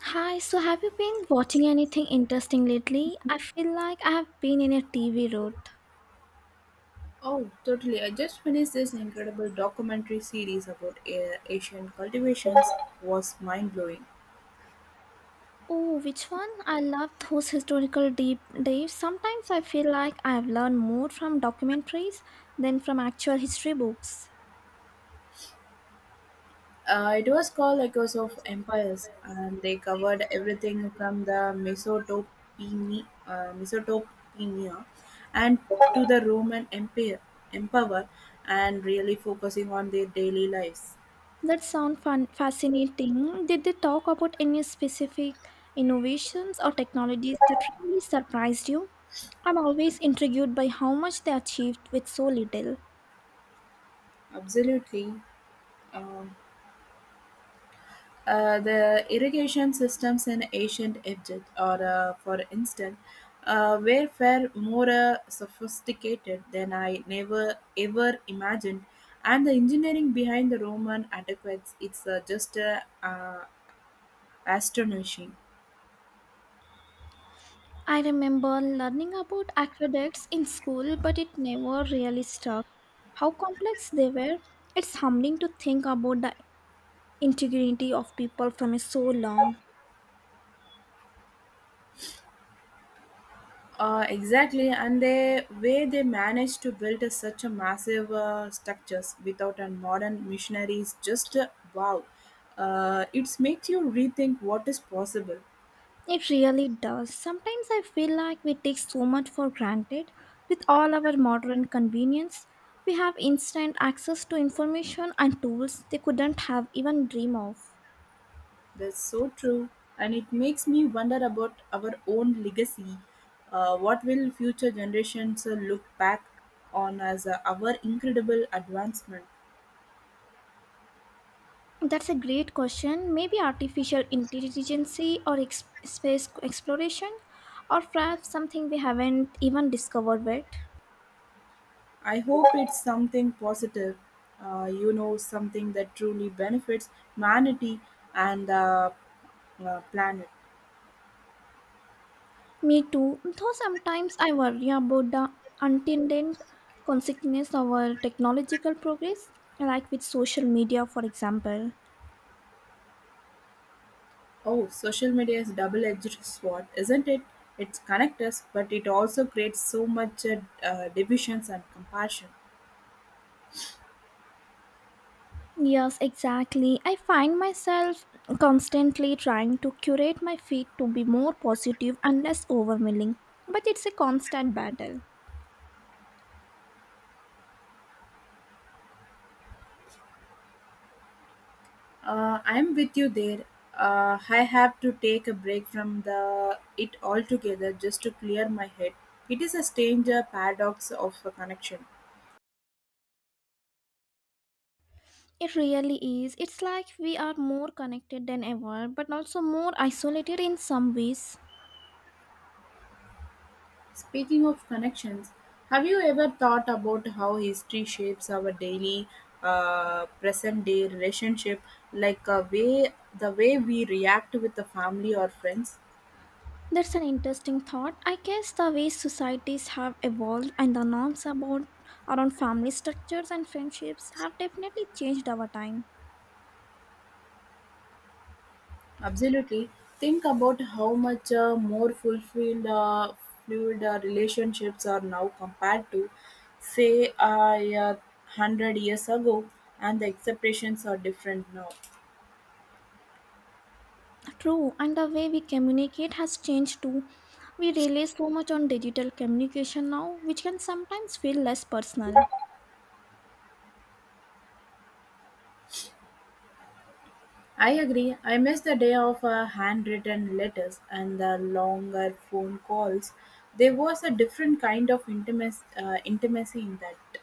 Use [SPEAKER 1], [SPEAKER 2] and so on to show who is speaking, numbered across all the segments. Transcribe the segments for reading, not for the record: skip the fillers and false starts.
[SPEAKER 1] Hi, so have you been watching anything interesting lately? I feel like I have been in a TV road.
[SPEAKER 2] Oh, totally. I just finished this incredible documentary series about Asian cultivations. Was mind-blowing.
[SPEAKER 1] Oh, which one? I love those historical deep dives. Sometimes I feel like I have learned more from documentaries than from actual history books.
[SPEAKER 2] It was called Echoes of Empires, and they covered everything from the Mesopotamia and to the Roman Empire and really focusing on their daily lives.
[SPEAKER 1] That sounds fun, fascinating. Did they talk about any specific innovations or technologies that really surprised you? I'm always intrigued by how much they achieved with so little.
[SPEAKER 2] Absolutely. Um, the irrigation systems in ancient Egypt, or for instance, were far more sophisticated than I never ever imagined, and the engineering behind the Roman aqueducts it's just astonishing.
[SPEAKER 1] I remember learning about aqueducts in school, but it never really stuck. How complex they were. It's humbling to think about the integrity of people from so long.
[SPEAKER 2] Exactly, and the way they managed to build such a massive structures without a modern machinery is just wow. It makes you rethink what is possible.
[SPEAKER 1] It really does. Sometimes I feel like we take so much for granted. With all our modern convenience, we have instant access to information and tools they couldn't have even dreamed of.
[SPEAKER 2] That's so true. And it makes me wonder about our own legacy. What will future generations look back on as our incredible advancement?
[SPEAKER 1] That's a great question. Maybe artificial intelligence or space exploration, or perhaps something we haven't even discovered yet.
[SPEAKER 2] I hope it's something positive, something that truly benefits humanity and the planet.
[SPEAKER 1] Me too, though sometimes I worry about the unintended consequences of our technological progress, like with social media, for example.
[SPEAKER 2] Oh, social media is double edged sword, isn't it? It connects us, but it also creates so much divisions and compassion.
[SPEAKER 1] Yes, exactly. I find myself constantly trying to curate my feed to be more positive and less overwhelming, but it's a constant battle.
[SPEAKER 2] I'm with you there. I have to take a break from the it altogether just to clear my head. It is a strange paradox of a connection.
[SPEAKER 1] It really is. It's like we are more connected than ever, but also more isolated in some ways.
[SPEAKER 2] Speaking of connections, have you ever thought about how history shapes our daily, present-day relationship, like way we react with the family or friends?
[SPEAKER 1] That's an interesting thought. I guess the way societies have evolved and the norms about around family structures and friendships have definitely changed over time.
[SPEAKER 2] Absolutely. Think about how much more fulfilled fluid relationships are now compared to, say, a 100 years ago, and the expectations are different now.
[SPEAKER 1] True, and the way we communicate has changed too. We rely so much on digital communication now, which can sometimes feel less personal.
[SPEAKER 2] I agree. I miss the day of handwritten letters and the longer phone calls. There was a different kind of intimacy in that.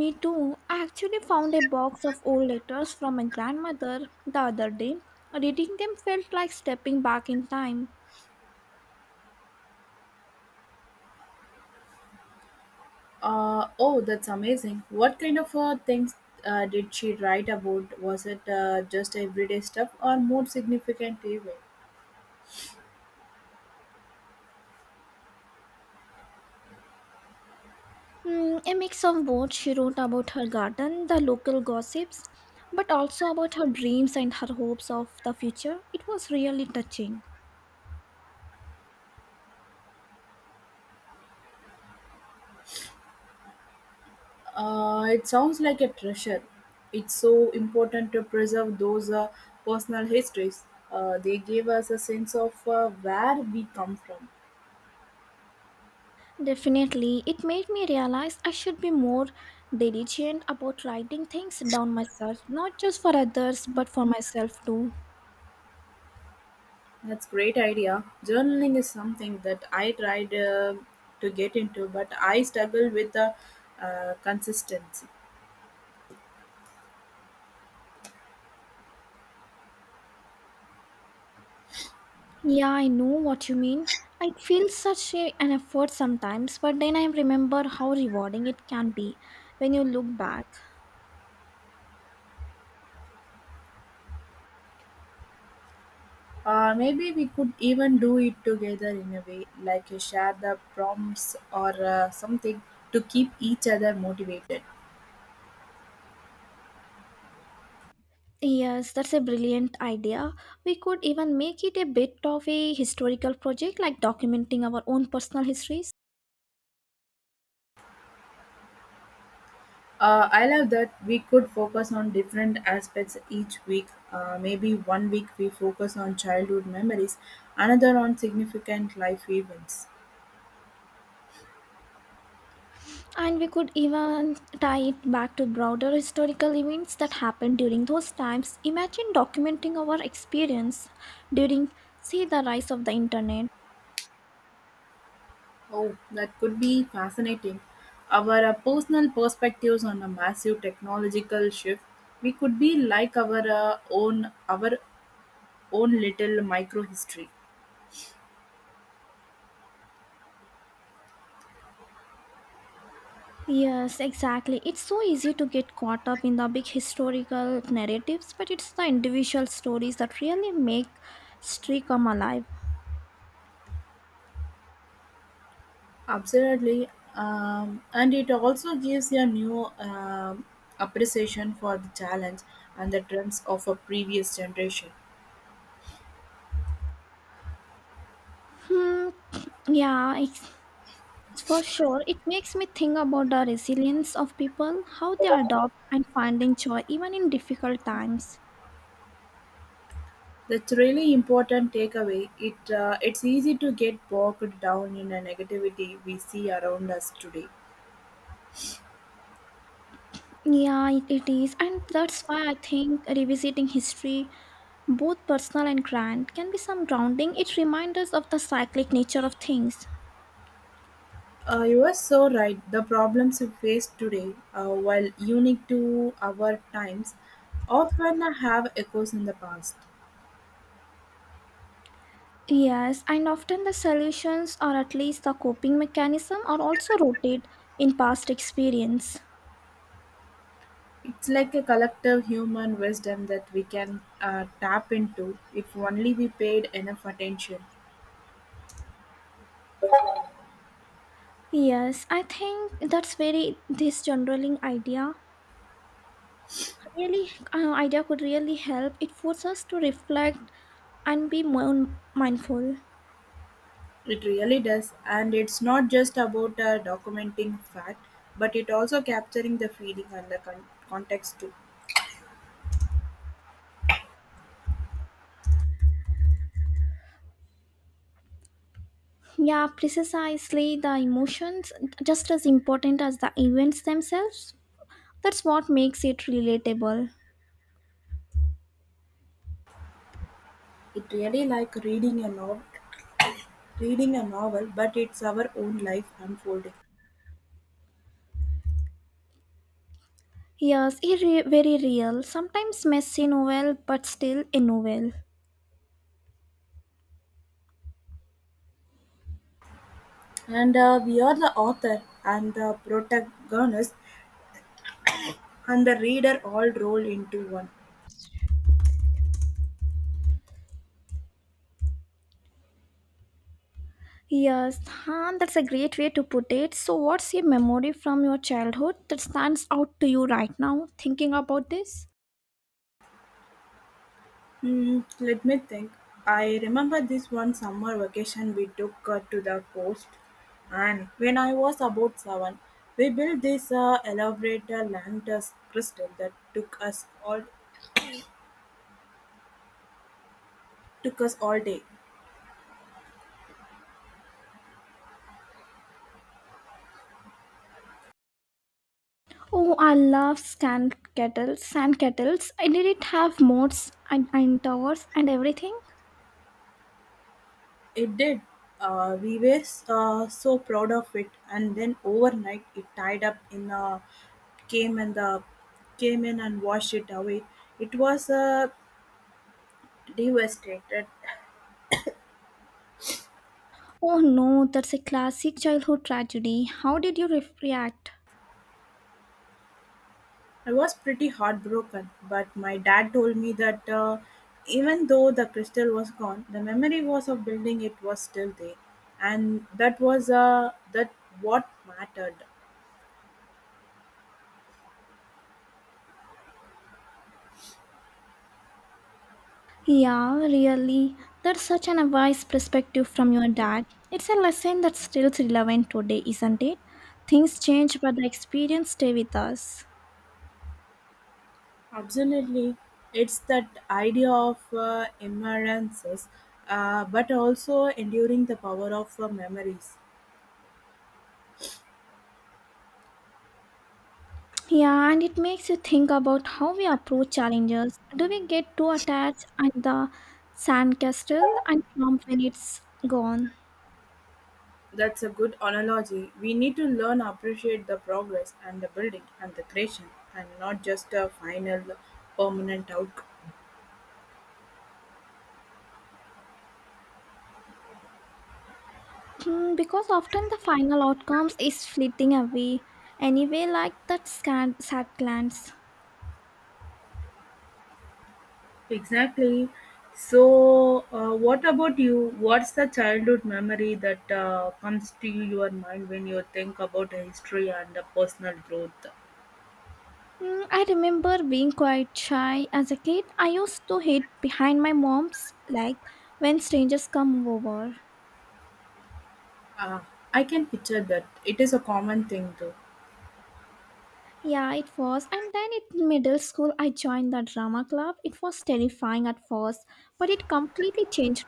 [SPEAKER 1] Me too. I actually found a box of old letters from my grandmother the other day. Reading them felt like stepping back in time.
[SPEAKER 2] Oh, that's amazing. What kind of things did she write about? Was it just everyday stuff or more significant even?
[SPEAKER 1] Mm, a mix of both she wrote about her garden, the local gossips, but also about her dreams and her hopes of the future. It was really touching.
[SPEAKER 2] It sounds like a treasure. It's so important to preserve those personal histories. They give us a sense of where we come from.
[SPEAKER 1] Definitely, it made me realize I should be more diligent about writing things down myself, not just for others, but for myself too.
[SPEAKER 2] That's great idea. Journaling is something that I tried to get into, but I struggle with the consistency.
[SPEAKER 1] Yeah, I know what you mean. I feel such a, an effort sometimes, but then I remember how rewarding it can be when you look back.
[SPEAKER 2] Maybe we could even do it together in a way, like you share the prompts or something to keep each other motivated.
[SPEAKER 1] Yes, that's a brilliant idea. We could even make it a bit of a historical project, like documenting our own personal histories.
[SPEAKER 2] I love that we could focus on different aspects each week. Maybe one week we focus on childhood memories, another on significant life events.
[SPEAKER 1] And we could even tie it back to broader historical events that happened during those times. Imagine documenting our experience during, say, the rise of the internet.
[SPEAKER 2] Oh, that could be fascinating. Our personal perspectives on a massive technological shift, we could be like our own little micro history.
[SPEAKER 1] Yes, exactly. It's so easy to get caught up in the big historical narratives, but it's the individual stories that really make history come alive.
[SPEAKER 2] Absolutely, and it also gives you a new appreciation for the challenge and the dreams of a previous generation.
[SPEAKER 1] Hmm. Yeah, it's, for sure. It makes me think about the resilience of people, how they adopt and finding joy even in difficult times.
[SPEAKER 2] That's really important takeaway. It's easy to get bogged down in a negativity we see around us today.
[SPEAKER 1] Yeah, it is, and that's why I think revisiting history, both personal and grand, can be some grounding. It reminds us of the cyclic nature of things.
[SPEAKER 2] You are so right. The problems we face today, while unique to our times, often have echoes in the past.
[SPEAKER 1] Yes, and often the solutions or at least the coping mechanism are also rooted in past experience.
[SPEAKER 2] It's like a collective human wisdom that we can tap into if only we paid enough attention.
[SPEAKER 1] Yes, I think that's very this generaling idea really idea could really help. It forces us to reflect and be more mindful.
[SPEAKER 2] It really does, and it's not just about documenting fact, but it also capturing the feeling and the context too.
[SPEAKER 1] Yeah, precisely the emotions just as important as the events themselves. That's what makes it relatable.
[SPEAKER 2] It really like reading a novel, but it's our own life unfolding,
[SPEAKER 1] Yes, very real. Sometimes messy novel, but still a novel.
[SPEAKER 2] and we are the author and the protagonist and the reader all rolled into one.
[SPEAKER 1] Yes, and that's a great way to put it. So, what's a memory from your childhood that stands out to you right now, thinking about this?
[SPEAKER 2] Hmm, let me think. I remember this one summer vacation we took to the coast, and when I was about 7, we built this elaborate lantus crystal that took us all day.
[SPEAKER 1] Oh, I love sand kettles, sand kettles. I did it have moats and towers and everything?
[SPEAKER 2] It did. We were so proud of it, and then overnight it tied up in a came and the came in and washed it away. It was devastated.
[SPEAKER 1] Oh no, that's a classic childhood tragedy. How did you react?
[SPEAKER 2] I was pretty heartbroken, but my dad told me that even though the crystal was gone, the memory was of building it was still there, and that was that what mattered.
[SPEAKER 1] Yeah, really. That's such an wise perspective from your dad. It's a lesson that's still relevant today, isn't it? Things change, but the experience stay with us.
[SPEAKER 2] Absolutely, it's that idea of emergences, but also enduring the power of memories.
[SPEAKER 1] Yeah, and it makes you think about how we approach challenges. Do we get too attached at the sandcastle and jump when it's gone?
[SPEAKER 2] That's a good analogy. We need to learn appreciate the progress and the building and the creation, and not just a final permanent outcome.
[SPEAKER 1] Hmm, because often the final outcomes is fleeting away anyway, like that sad glance.
[SPEAKER 2] Exactly. So, what about you? What's the childhood memory that comes to your mind when you think about history and the personal growth?
[SPEAKER 1] Hmm, I remember being quite shy as a kid. I used to hide behind my mom's like when strangers come over.
[SPEAKER 2] Ah, I can picture that. It is a common thing though.
[SPEAKER 1] Yeah, it was. And then in middle school, I joined the drama club. It was terrifying at first, but it completely changed.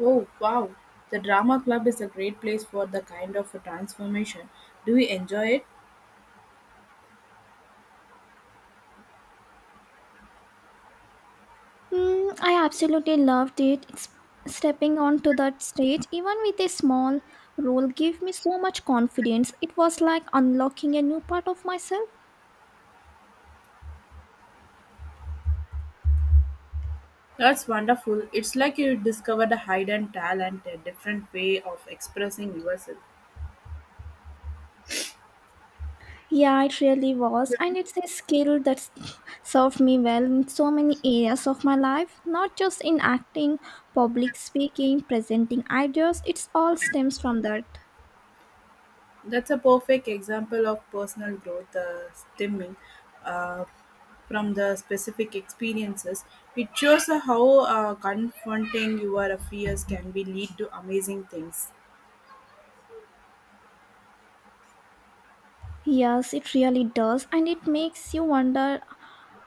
[SPEAKER 2] Oh, wow. The drama club is a great place for the kind of a transformation. Do you enjoy it?
[SPEAKER 1] Mm, I absolutely loved it. It's stepping onto that stage, even with a small role, gave me so much confidence. It was like unlocking a new part of myself.
[SPEAKER 2] That's wonderful. It's like you discovered a hidden talent, a different way of expressing yourself.
[SPEAKER 1] Yeah, it really was. And it's a skill that's served me well in so many areas of my life, not just in acting, public speaking, presenting ideas. It's all stems from that.
[SPEAKER 2] That's a perfect example of personal growth stemming uh, from the specific experiences. It shows how confronting your fears can be lead to amazing things.
[SPEAKER 1] Yes, it really does, and it makes you wonder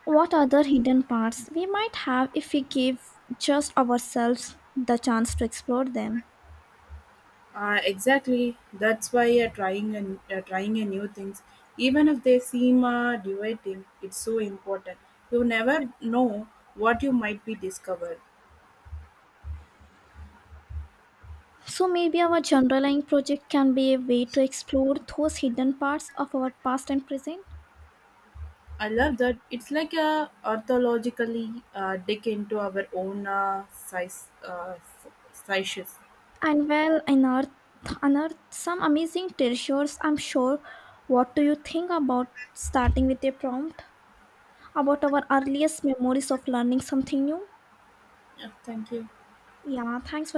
[SPEAKER 1] what other hidden parts we might have if we give just ourselves the chance to explore them.
[SPEAKER 2] Exactly. That's why trying a new things, even if they seem deviating, it's so important. You never know what you might be discovered.
[SPEAKER 1] So maybe our genderline project can be a way to explore those hidden parts of our past and present,
[SPEAKER 2] I love that. It's like a orthologically dig into our own sizes.
[SPEAKER 1] and well, unearth some amazing treasures. I'm sure. What do you think about starting with a prompt about our earliest memories of learning something new?
[SPEAKER 2] Yeah, thank you.
[SPEAKER 1] Yeah, thanks for